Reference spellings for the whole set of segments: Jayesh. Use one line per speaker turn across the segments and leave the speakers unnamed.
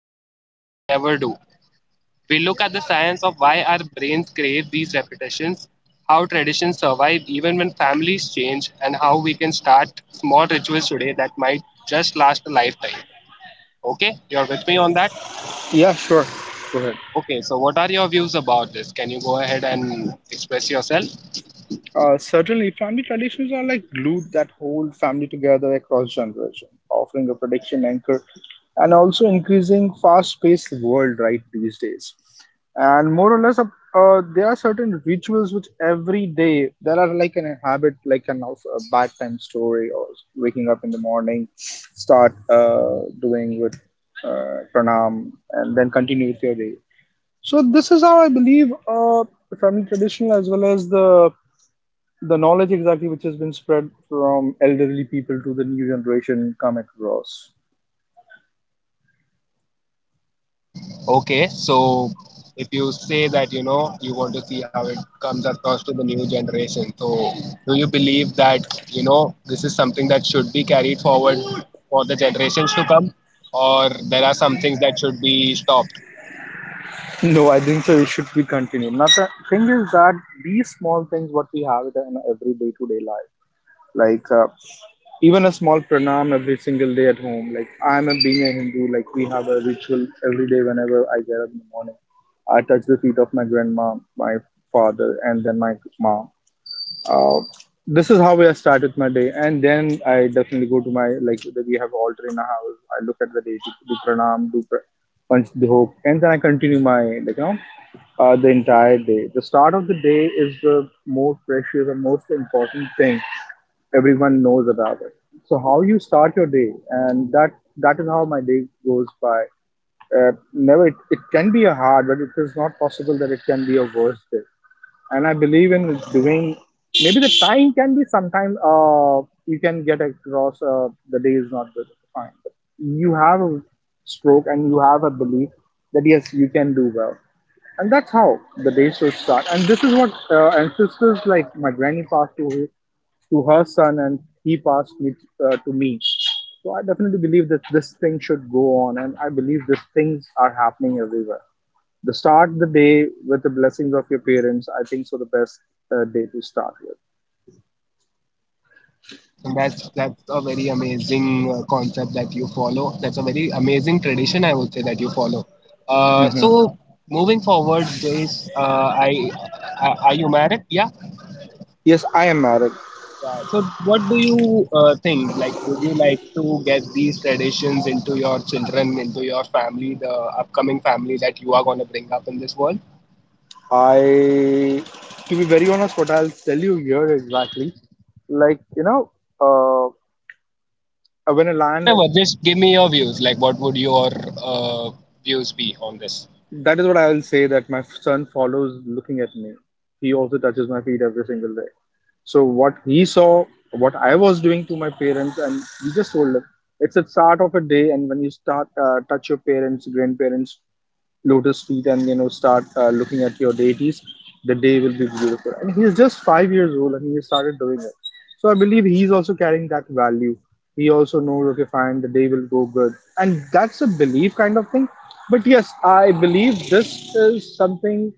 we swore we'd never do. We look at the science of why our brains crave these repetitions, how traditions survive even when families change, and how we can start small rituals today that might just last a lifetime. Okay, you're with me on that?
Yeah, sure. Go ahead.
Okay, so what are your views about this? Can you go ahead and express yourself?
Certainly, family traditions are like glue that hold family together across generations, offering a protection anchor and also increasing fast-paced world right these days. And more or less, there are certain rituals which every day there are like an habit, like an of a bedtime story, or waking up in the morning, start doing with pranam, and then continue with your day. So this is how I believe the family traditional as well as the knowledge exactly which has been spread from elderly people to the new generation come across.
Okay, so if you say that you know you want to see how it comes across to the new generation, so do you believe that you know this is something that should be carried forward for the generations to come, or there are some things that should be stopped?
No, I think so. It should be continued. Not the thing is that these small things what we have it in every day to day life, like even a small pranam every single day at home. Like I'm a, being a Hindu, like we have a ritual every day whenever I get up in the morning. I touch the feet of my grandma, my father, and then my mom. uh, this is how I start with my day, and then I definitely go to my like we have altar in our house. I look at the day, do pranam, punch the hope, and then I continue my like you know the entire day. The start of the day is the most precious and most important thing everyone knows about it. So how you start your day, and that is how my day goes by. Uh, Never it can be a hard, but it is not possible that it can be a worse day, and I believe in doing. Maybe the time can be sometime. You can get across. The day is not good. Fine, but you have a stroke and you have a belief that yes, you can do well, and that's how the day should start. And this is what ancestors like my granny passed to her son, and he passed me to me. So I definitely believe that this thing should go on, and I believe these things are happening everywhere. The start the day with the blessings of your parents, I think so the best day to start with.
And that's a very amazing concept that you follow. That's a very amazing tradition, I would say, that you follow. Uh,
Mhm.
so moving forward, Jace, I, I are you married? Yeah.
Yes, I am married.
Yeah. So, what do you think? Like, would you like to get these traditions into your children, into your family, the upcoming family that you are going to bring up in this world?
I to be very honest what I'll tell you here exactly like you know, uh, when a
Yeah,
lion.
whatever. Just give me your views. Like, what would your uh, views be on this?
That is what I will say, that my son follows looking at me. He also touches my feet every single day. So what he saw, what I was doing to my parents, and he just told him, it's the start of a day, and when you start touch your parents, grandparents, lotus feet, and you know start looking at your deities, the day will be beautiful. And he is just 5 years old and he started doing it. So I believe he's also carrying that value. He also knows okay fine the day will go good, and that's a belief kind of thing. But yes, I believe this is something.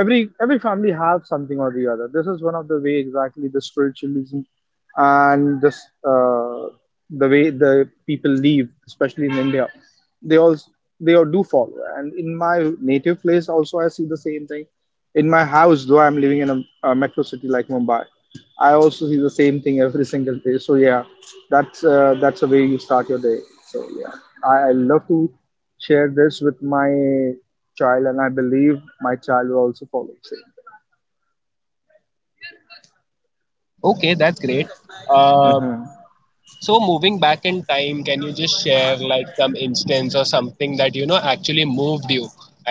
Every family have something or the other. This is one of the way exactly the spiritualism and this uh, the way the people live, especially in India, they all they all do follow. And in my native place also, I see the same thing. In my house, though I'm living in a metro city like Mumbai, I also see the same thing every single day. So yeah, that's the way you start your day. So yeah, I love to share this with my child, and I believe my child will also follow the same.
Okay, that's great. Uh,
Mm-hmm.
So moving back in time, can you just share like some instance or something that you know actually moved you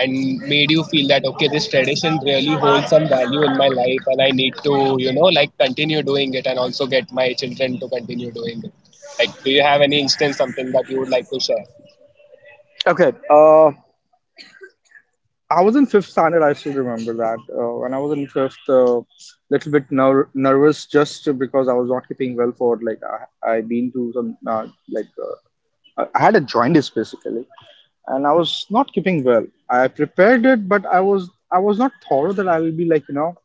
and made you feel that okay, this tradition really holds some value in my life and I need to, you know, like continue doing it and also get my children to continue doing it. Like do you have any instance something that you would like to share?
Okay. I was in fifth standard. I still remember that. When I was in fifth, a little bit nervous just because I was not keeping well for like I been to some like I had a jaundice basically, and I was not keeping well. I prepared it, but I was not thought that I'll be like you know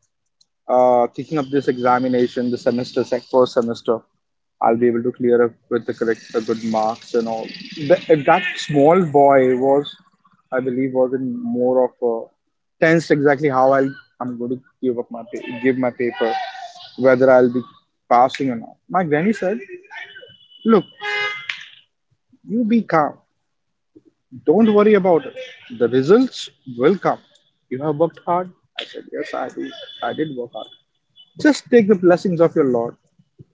thinking of this examination, the semester, sec first semester, I'll be able to clear up with the correct, the good marks and all. The, that small boy was, I believe, was in more of a tense exactly how I'll, I'm going to give my paper, whether I'll be passing or not. My granny said, "Look, you be calm. Don't worry about it. The results will come. You have worked hard." I said, "Yes, I do. I did work hard." Just take the blessings of your Lord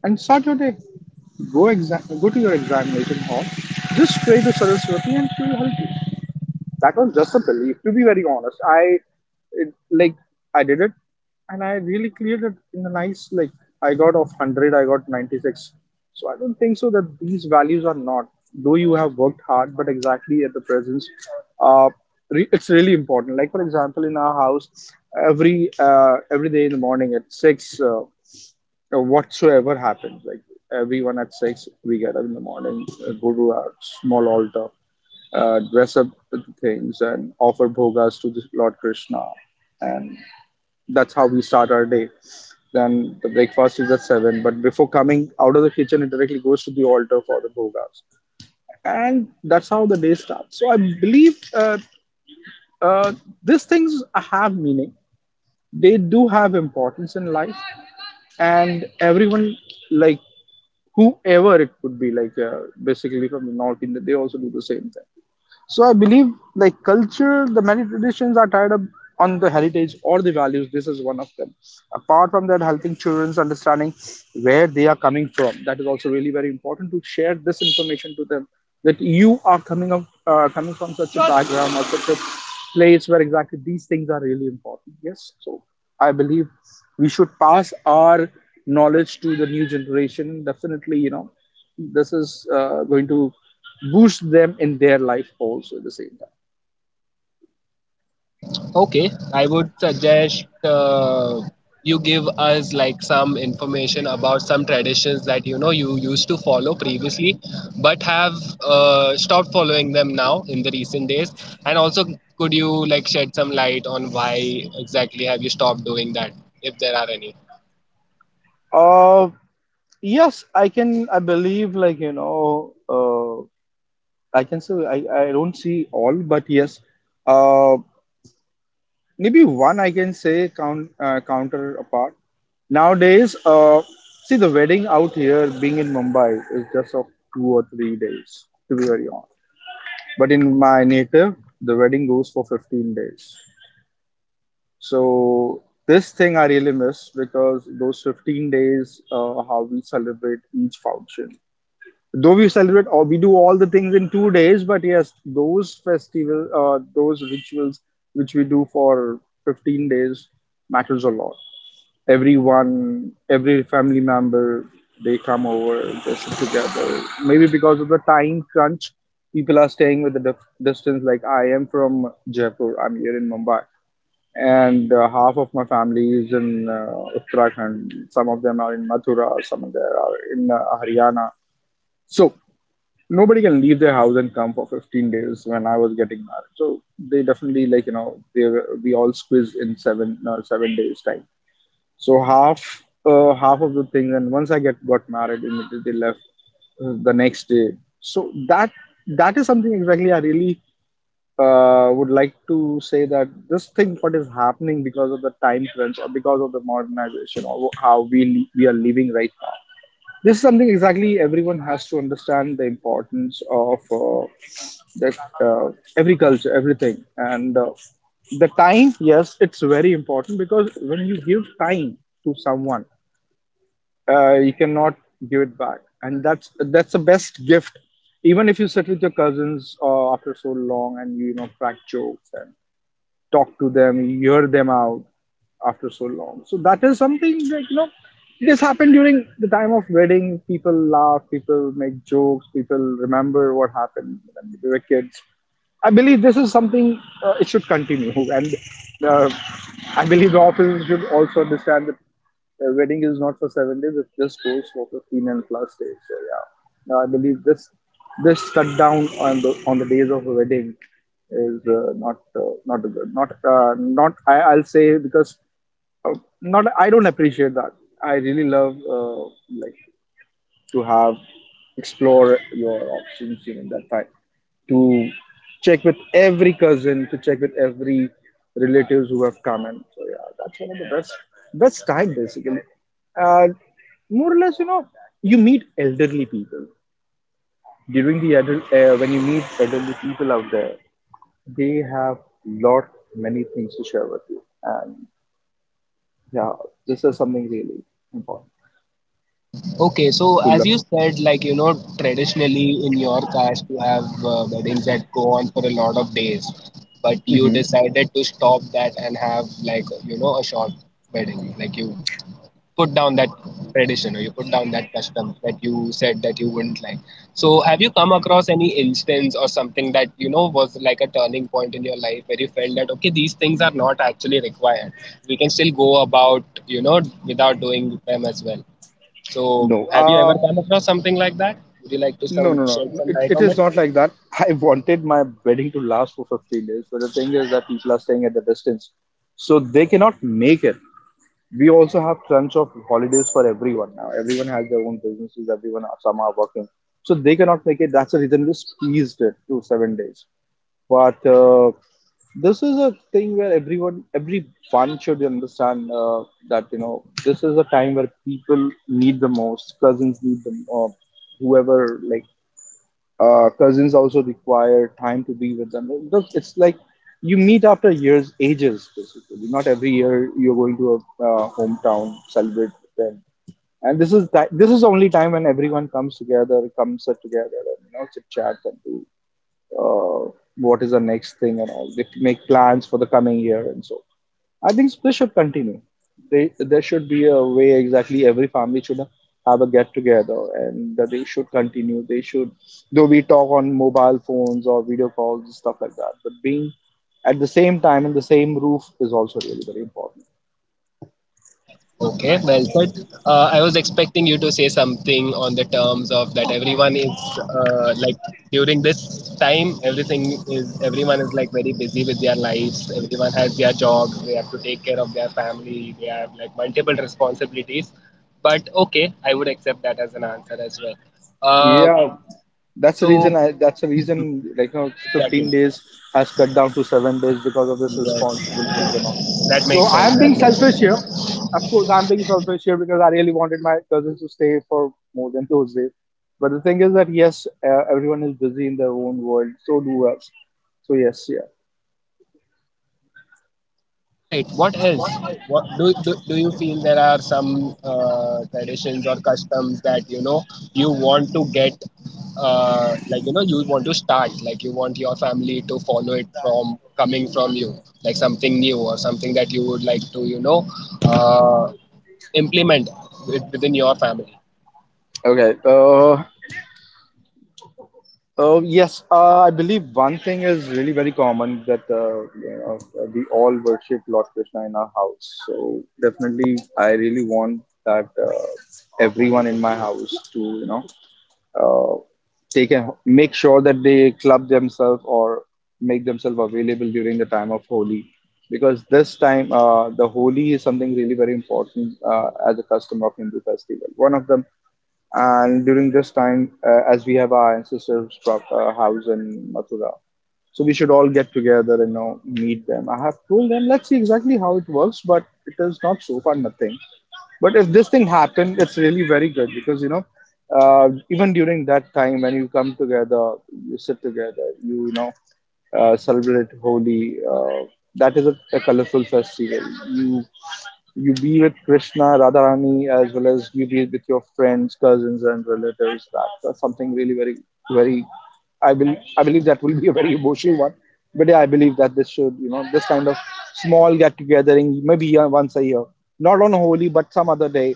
and start your day. Go to your examination hall. Just pray to Saraswati and she will help you. That was just a belief, to be very honest. It, like I did it and I really cleared it in a nice like I got off 100, I got 96. So I don't think so that these values are not. Though you have worked hard, but exactly at the presence, uh, it's really important. Like for example, in our house, every day in the morning at six, whatsoever happens. Like everyone at six, we get up in the morning, go to our small altar, dress up with things, and offer bhogas to the Lord Krishna, and that's how we start our day. Then the breakfast is at seven, but before coming out of the kitchen, it directly goes to the altar for the bhogas, and that's how the day starts. So I believe uh, these things have meaning, they do have importance in life, and everyone, like whoever it could be, like basically from the north India, they also do the same thing. So I believe like culture, the many traditions are tied up on the heritage or the values. This is one of them. Apart from that, helping children's understanding where they are coming from. That is also really very important to share this information to them, that you are coming up coming from such a background or such a place where exactly these things are really important. Yes. So I believe we should pass our knowledge to the new generation. Definitely, you know, this is going to boost them in their life also at the same time.
Okay, I would suggest you give us like some information about some traditions that you know you used to follow previously, but have stopped following them now in the recent days. And also, could you like shed some light on why exactly have you stopped doing that, if there are any?
Uh, yes, I can. I believe, like you know, uh, I can say I don't see all, but yes, uh, maybe one I can say counterpart. Nowadays, see the wedding out here being in Mumbai is just of 2 or 3 days, to be very honest. But in my native, the wedding goes for 15 days. So this thing I really miss because those 15 days, how we celebrate each function. Though we celebrate or we do all the things in 2 days, but yes, those festival, those rituals which we do for 15 days matters a lot. Everyone, every family member, they come over, they sit together. Maybe because of the time crunch, people are staying with the distance. Like I am from Jaipur, I'm here in Mumbai and half of my family is in Uttarakhand. Some of them are in Mathura, some of them are in Haryana. So nobody can leave their house and come for 15 days when I was getting married. So they definitely like you know we all squeeze in 7 days time. So half of the things, and once I get got married, immediately left the next day. So that is something exactly I really would like to say that this thing what is happening because of the time crunch or because of the modernization or how we are living right now, this is something exactly everyone has to understand the importance of that uh, every culture everything and the time yes it's very important, because when you give time to someone, you cannot give it back, and that's the best gift. Even if you sit with your cousins after so long and you know crack jokes, talk to them, hear them out after so long. So that is something that you know this happened during the time of wedding. People laugh, people make jokes, people remember what happened when we were kids. I believe this is something it should continue, and uh, I believe the officers should also understand that the wedding is not for 7 days; it just goes for 15 and plus days. So yeah, now, I believe this cut down on the days of a wedding is not not good, not I'll say, because uh, not I don't appreciate that. I really love like to have explore your options during that time to check with every cousin, to check with every relatives who have come in. So yeah, that's one of the best time basically, uh, more or less, you know, you meet elderly people during the adult when you meet elderly people out there, they have lot many things to share with you. And yeah, this is something really important
Okay, so
to
as
learn.
you said, like you know, traditionally in your caste you have weddings that go on for a lot of days, but you
Hmm.
decided to stop that and have like you know a short wedding. Like you put down that tradition or you put down that custom that you said that you wouldn't like. So have you come across any instance or something that you know was like a turning point in your life where you felt that okay, these things are not actually required. We can still go about you know without doing them as well. So,
No.
have you ever come across something like that? Would you like to
No, no,
some
no.
shed some
It,
light
it
on
is
it?
not like that. I wanted my wedding to last for 15 days, but the thing is that people are staying at the distance. So they cannot make it. We also have crunch of holidays for everyone now. Everyone has their own businesses, some are working. So they cannot make it. That's the reason we squeezed it to 7 days. But this is a thing where everyone should understand that, you know, this is a time where people need the most, cousins need the most, whoever like. Cousins also require time to be with them. Look, it's like you meet after years, ages basically. Not every year you're going to a hometown celebrate them. And this is the only time when everyone comes together, and you know, chit chat and do uh, what is the next thing and all. They make plans for the coming year and so. I think this should continue. There should be a way exactly every family should have a get together, and that they should continue. They should, though we talk on mobile phones or video calls and stuff like that, but being at the same time in the same roof is also really very important.
Okay, well said. I was expecting you to say something on the terms of that everyone is like during this time, everything is everyone is like very busy with their lives. Everyone has their jobs. They have to take care of their family. They have like multiple responsibilities. But okay, I would accept that as an answer as well. Uh,
Yeah, that's the reason.
so
I That's the reason. Like you know,
exactly,
15 days has cut down to 7 days because of this
yes, yes,
responsibilities and all.
that makes
So
sense.
I'm being
That makes
selfish
sense.
here. Of course, I'm being selfish here because I really wanted my cousins to stay for more than those days. But the thing is that yes, everyone is busy in their own world. So do us. So yes, yeah.
All right. What else? What do you feel there are some traditions or customs that you know you want to get like you know you want to start like you want your family to follow it from coming from you like something new or something that you would like to you know uh, implement with- within your family.
Okay. Yes, I believe one thing is really very common that you know, we all worship Lord Krishna in our house. So definitely, I really want that everyone in my house to, you know, uh, take and make sure that they club themselves or make themselves available during the time of Holi, because this time the Holi is something really very important as a custom of Hindu festival. One of them, and during this time, as we have our ancestors' house in Mathura, so we should all get together and, you know, meet them. I have told them, let's see exactly how it works, but it is not so far nothing. But if this thing happened, it's really very good because, you know, even during that time when you come together, you sit together, you know, celebrate Holi. That is a colorful festival. You you be with Krishna, Radharani, as well as you be with your friends, cousins, and relatives. That's something really very. I believe that will be a very emotional one, but yeah, I believe that this should, you know, this kind of small get togethering, maybe once a year, not on Holi, but some other day.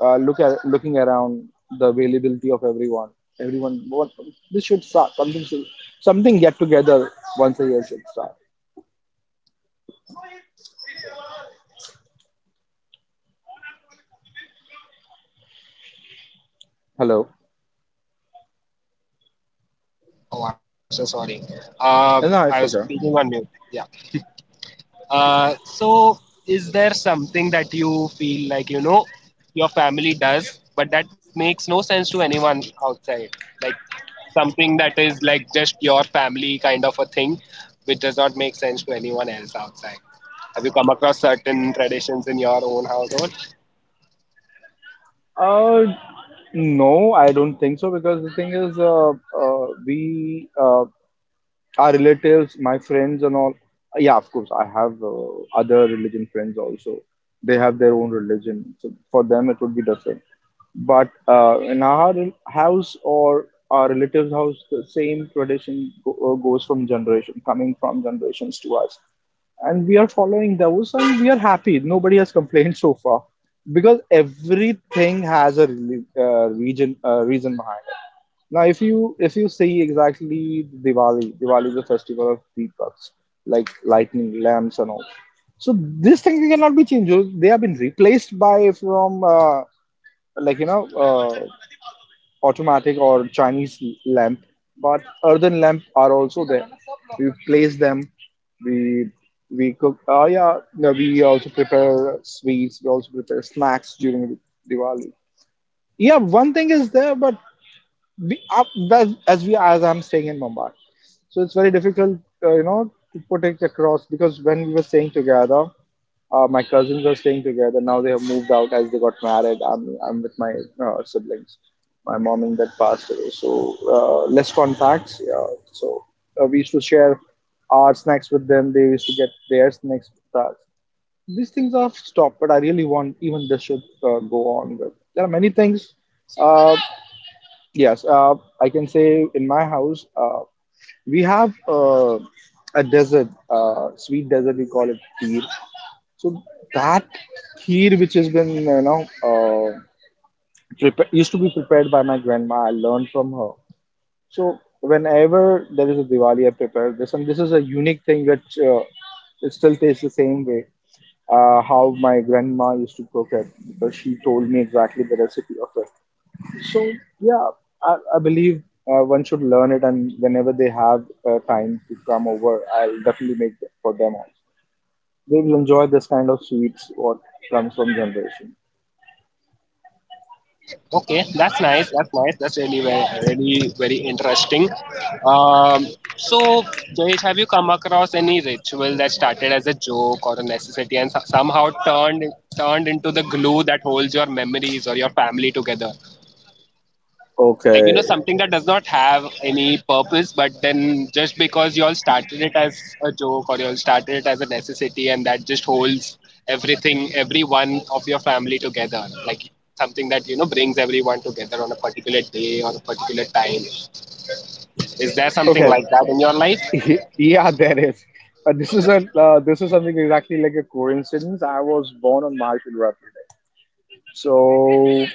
Look at looking around the availability of everyone. Everyone, what, this should start something. Should, something get together once a year should start. Hello.
Oh, I'm so sorry. Uh,
No, it's
I was
okay.
speaking on mute. Yeah. Uh, so, is there something that you feel like you know your family does, but that makes no sense to anyone outside? Like something that is like just your family kind of a thing, which does not make sense to anyone else outside. Have you come across certain traditions in your own household?
Uh, no, I don't think so because the thing is, we our relatives, my friends, and all. Yeah, of course, I have other religion friends also. They have their own religion, so for them it would be different. But in our house or our relatives' house, the same tradition goes from generation, coming from generations to us, and we are following those, and we are happy. Nobody has complained so far because everything has a reli- region reason behind it. Now, if you see exactly Diwali, Diwali is a festival of deepaks, like lightning lamps and all. So this thing cannot be changed. So, they have been replaced by from like you know automatic or Chinese lamp, but earthen lamp are also there. We place them. We we cook. Yeah, no, we also prepare sweets. We also prepare snacks during Diwali. Yeah, one thing is there, but as we as I'm staying in Mumbai, so it's very difficult, you know, to put it across because when we were staying together, my cousins were staying together. Now they have moved out as they got married. I'm with my siblings, my mom in that passed away, so less contacts. Yeah, so we used to share our snacks with them. They used to get their snacks with us. These things have stopped, but I really want even this should go on. But there are many things. Uh, Yes, I can say in my house we have a desert, sweet desert, we call it kheer. So that kheer which has been, you know, used to be prepared by my grandma. I learned from her. So whenever there is a Diwali, I prepare this, and this is a unique thing which it still tastes the same way. How my grandma used to cook it, because she told me exactly the recipe of it. So yeah, I believe one should learn it, and whenever they have time to come over, I'll definitely make it for them also. They will enjoy this kind of sweets what comes from generation.
Okay, that's nice. That's nice. That's really, very, really, very interesting. Um, so, Jayesh, have you come across any ritual that started as a joke or a necessity and somehow turned into the glue that holds your memories or your family together? Like
Okay.
you know something that does not have any purpose but then just because you all started it as a joke or you all started it as a necessity and that just holds everything every one of your family together, like something that you know brings everyone together on a particular day or a particular time, is there something
Okay.
like that in your life?
yeah, there is. This is a this is something exactly like a coincidence. I was born on March 11th. So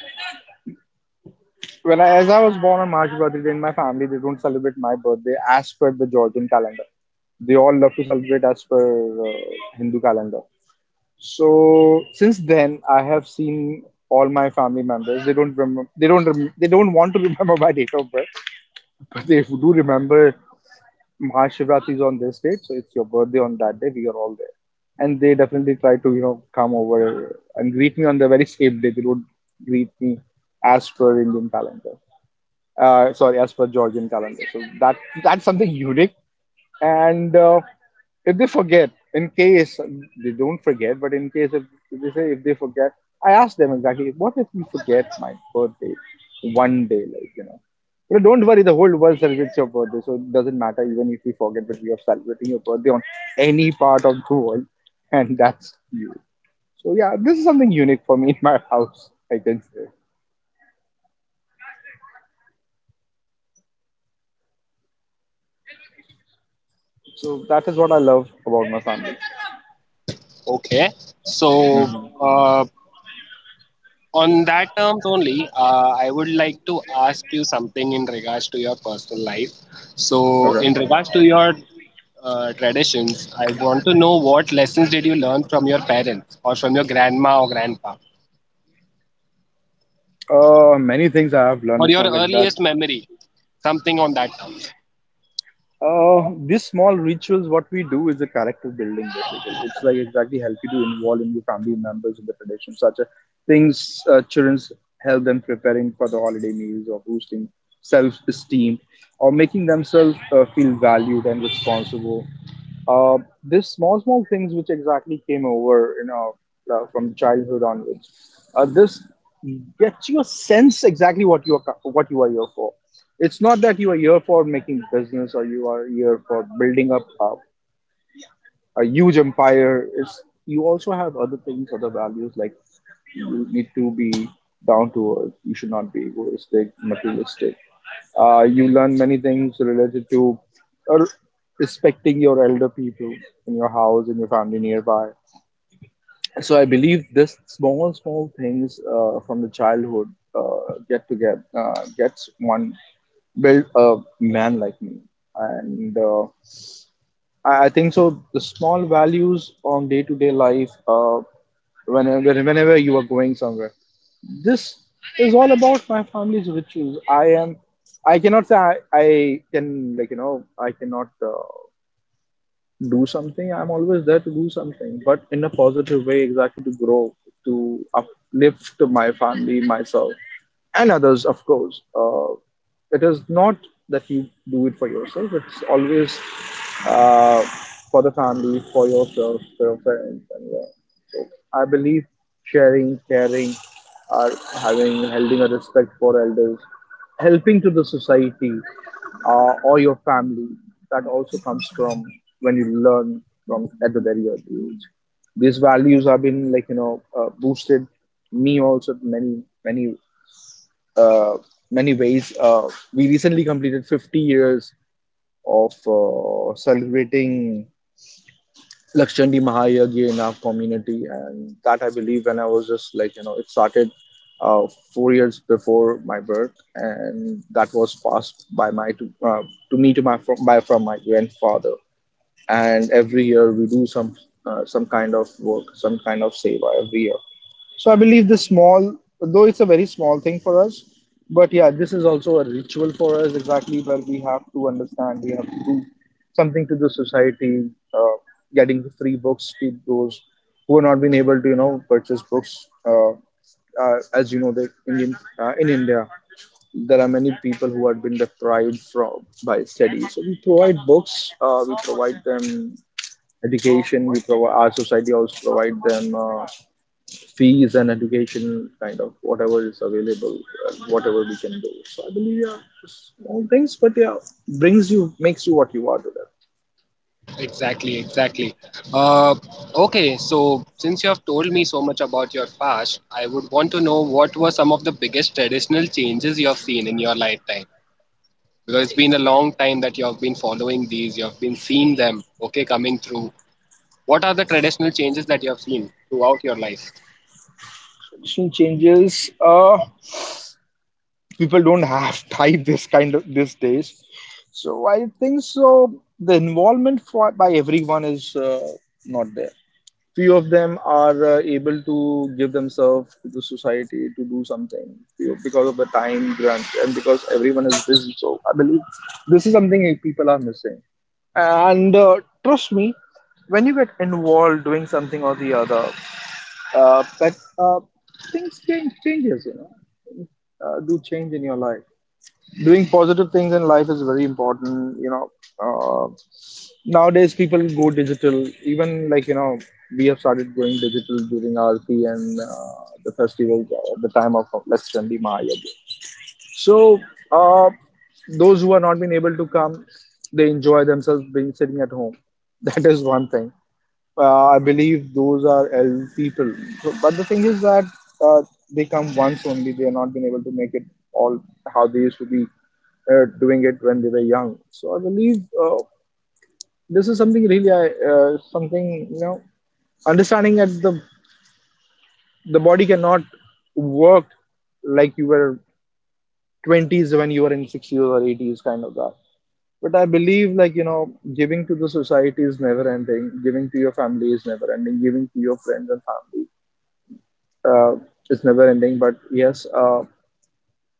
when I, as I was born on March birthday, in my family they don't celebrate my birthday as per the Georgian calendar. They all love to celebrate as per Hindu calendar. So since then, I have seen all my family members. They don't remember. They don't. They don't want to remember my date of birth, but they do remember Mahashivratri is on this date, so it's your birthday on that day. We are all there, and they definitely try to, you know, come over and greet me on the very same day. They don't greet me as per Indian calendar, sorry, as per Georgian calendar. So that's something unique. And if they forget, in case they don't forget, but in case if they say if they forget, I ask them exactly, what if we forget my birthday one day, like you know. But don't worry, the whole world celebrates your birthday, so it doesn't matter even if we forget, but we are celebrating your birthday on any part of the world, and that's you. So yeah, this is something unique for me in my house, I can say. So that is what I love about my family.
Okay, so
Hmm.
uh, on that terms only, I would like to ask you something in regards to your personal life. So,
Okay.
in regards to your traditions, I want to know what lessons did you learn from your parents or from your grandma or grandpa
Many things I have learned.
or
It's
your
not like that.
earliest memory, something on that terms.
These small rituals, what we do is a character building basically. It's like exactly help you to involve in your family members in the tradition, such as things, children's, help them preparing for the holiday meals or boosting self-esteem or making themselves feel valued and responsible. Uh, this small, small things which exactly came over, you know, from childhood onwards. This gets you a sense exactly what you are what you are here for. It's not that you are here for making business or you are here for building up a huge empire. It's you also have other things, other values like you need to be down to earth. You should not be egoistic, materialistic. You learn many things related to uh, respecting your elder people in your house, in your family nearby. So I believe this small, small things from the childhood get to get gets one build a man like me, and I think so. The small values on day to day life, whenever you are going somewhere, this is all about my family's rituals. I am. I cannot say I can like you know I cannot. Do something. I'm always there to do something, but in a positive way exactly to grow, to uplift my family, myself, and others. Of course, it is not that you do it for yourself. It's always, uh, for the family, for yourself, for your parents, and yeah. I believe sharing, caring, are having holding a respect for elders, helping to the society or your family. That also comes from when you learn from at the very early age. These values have been boosted me also in many uh, many ways. We recently completed 50 years of celebrating Lakshandi Mahayagya in our community, and that I believe when I was just like you know it started uh, 4 years before my birth, and that was passed by my to me to my from, by from my grandfather. And every year we do some kind of work, some kind of seva every year. So I believe this small, though it's a very small thing for us, but yeah, this is also a ritual for us exactly, where we have to understand, we have to do something to the society, getting the free books to those who have not been able to, purchase books. As you know, that Indian in India there are many people who have been deprived from by study. So we provide books, we provide them education, we provide, our society also provide them. Fees and education kind of, whatever is available, whatever we can do. So I believe, yeah, just small things, but yeah, brings you, makes you what you are to that.
Exactly, exactly. Uh, okay, so since you have told me so much about your past, I would want to know what were some of the biggest traditional changes you have seen in your lifetime, because it's been a long time that you have been following these, you have been seeing them, okay, coming through. What are the traditional changes that you have seen throughout your life?
Tradition changes, people don't have time this kind of these days, so I think so the involvement for by everyone is not there. Few of them are able to give themselves to the society to do something, because of the time grant, and because everyone is busy. So I believe this is something that people are missing. And trust me, when you get involved doing something or the other, that things change changes, you know, do change in your life. Doing positive things in life is very important, you know. uh, Nowadays people go digital, even we have started going digital during RP, and the festival, the time of let's Chandi. So uh, those who are not been able to come, they enjoy themselves being sitting at home. That is one thing. I believe those are L people. So, but the thing is that uh, they come once only. They are not been able to make it all how they used to be doing it when they were young. So I believe this is something really I something, you know, understanding that the body cannot work like you were 20s when you were in 60s or 80s kind of that. But I believe, giving to the society is never ending, giving to your family is never ending, giving to your friends and family uh, is never ending. But yes,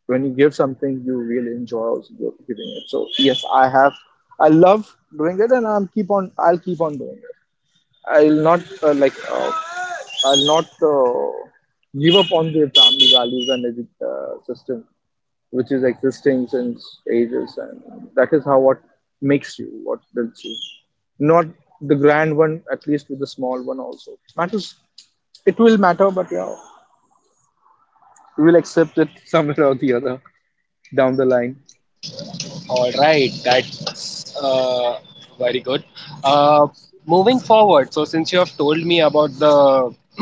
when you give something, you really enjoy also giving it. So yes, I love doing it, and I'll keep on doing it. I'll not I'll not give up on the family values and system which is existing since ages, and that is how, what makes you, what builds you. Not the grand one, at least with the small one also matters. It will matter, but yeah, we will accept it somewhere or the other down the line.
All right, that's very good. Uh, Moving forward, so since you have told me about the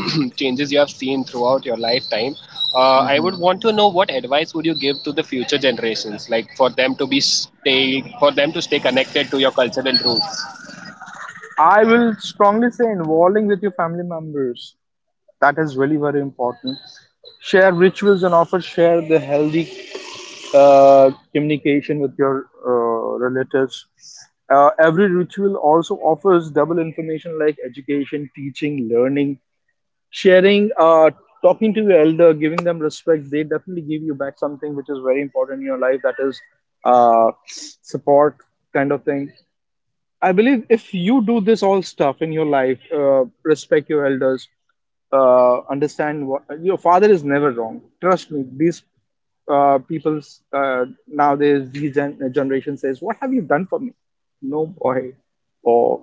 changes you have seen throughout your lifetime, I would want to know what advice would you give to the future generations, like for them to be stay, for them to stay connected to your cultural roots.
I will strongly say involving with your family members. That is really very important. Share rituals, and offer, share the healthy communication with your relatives. Every ritual also offers double information like education, teaching, learning, sharing, talking to your elder, giving them respect. They definitely give you back something which is very important in your life, that is uh, support, kind of thing. I believe if you do this all stuff in your life, respect your elders, understand what, your father is never wrong. Trust me, these people's nowadays, these generation says, "What have you done for me?" No, boy, or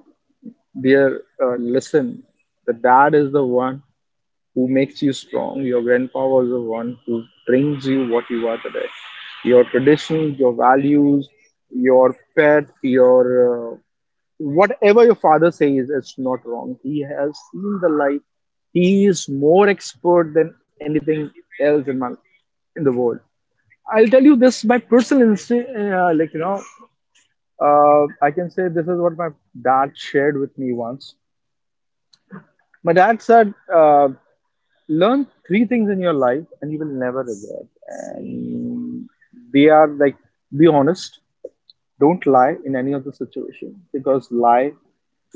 dear, listen. The dad is the one who makes you strong. Your grandpa was the one who brings you what you are today. Your traditions, your values, your pet, your whatever your father says, it's not wrong. He has seen the light. He is more expert than anything else in my, in the world. I'll tell you this, my personal I can say this is what my dad shared with me once. My dad said, learn three things in your life and you will never regret. And they are like, be honest. Don't lie in any other situation, because lie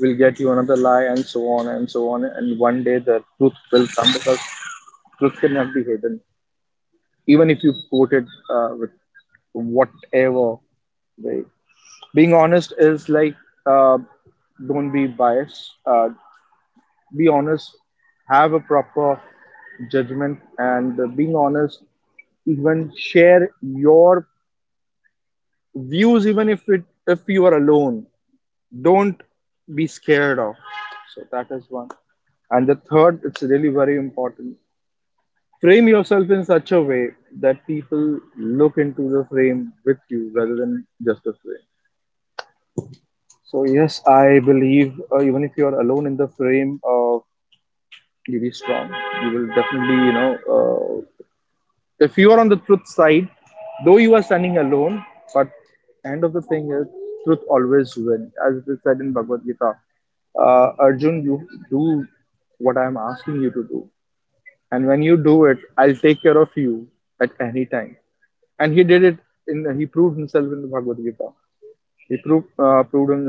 will get you another lie, and so on and so on. And one day the truth will come, because truth cannot be hidden. Even if you quote it with whatever way. Being honest is like, uh, don't be biased. Be honest. Have a proper judgment and being honest. Even share your views, even if you are alone. Don't be scared of. So that is one. And the third, it's really very important, frame yourself in such a way that people look into the frame with you, rather than just a frame. So yes, I believe, even if you are alone in the frame, you be strong. You will definitely, you know, if you are on the truth side, though you are standing alone, but end of the thing is, truth always wins, as it is said in Bhagavad Gita. Arjun, you do what I am asking you to do, and when you do it, I'll take care of you at any time. And he did it. In, he proved himself in the Bhagavad Gita. He proved, uh, proved him,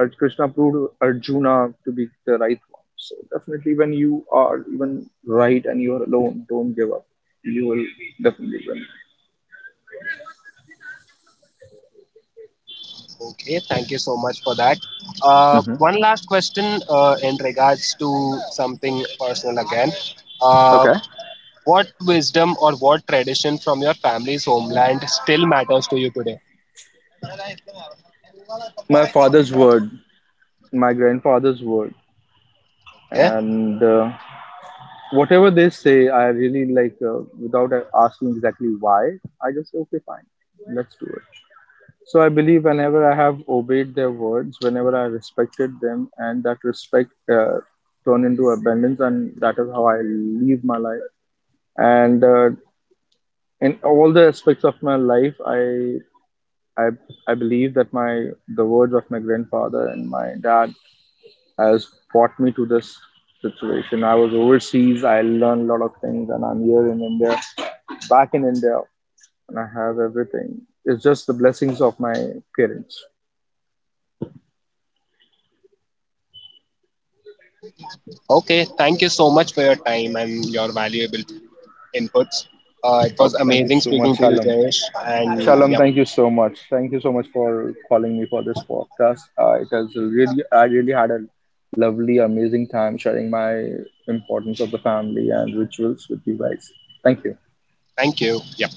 uh, Krishna proved Arjuna to be the right one. So definitely, when you are even right and you are alone, don't give up. You will definitely win.
Okay, thank you so much for that.
Hmm.
One last question in regards to something personal again. Uh,
Okay.
what wisdom or what tradition from your family's homeland still matters to you today?
My father's word, my grandfather's word,
Yeah.
and whatever they say, I really like. Without Asking exactly why, I just say, okay, fine, let's do it. So I believe whenever I have obeyed their words, whenever I respected them, and that respect turned into abundance, and that is how I live my life. And in all the aspects of my life, I I believe that my the words of my grandfather and my dad has brought me to this situation. I was overseas, I learned a lot of things, and I'm here in India, back in India, and I have everything. It's just the blessings of my parents.
Okay, thank you so much for your time and your valuable inputs. It was
Oh, thank you
amazing
so
speaking
much,
to you,
Shalom.
Jayesh. And
Shalom,
yep,
thank you so much. Thank you so much for calling me for this podcast. I really had a lovely, amazing time sharing my importance of the family and rituals with you guys. Thank you.
thank you. Yep.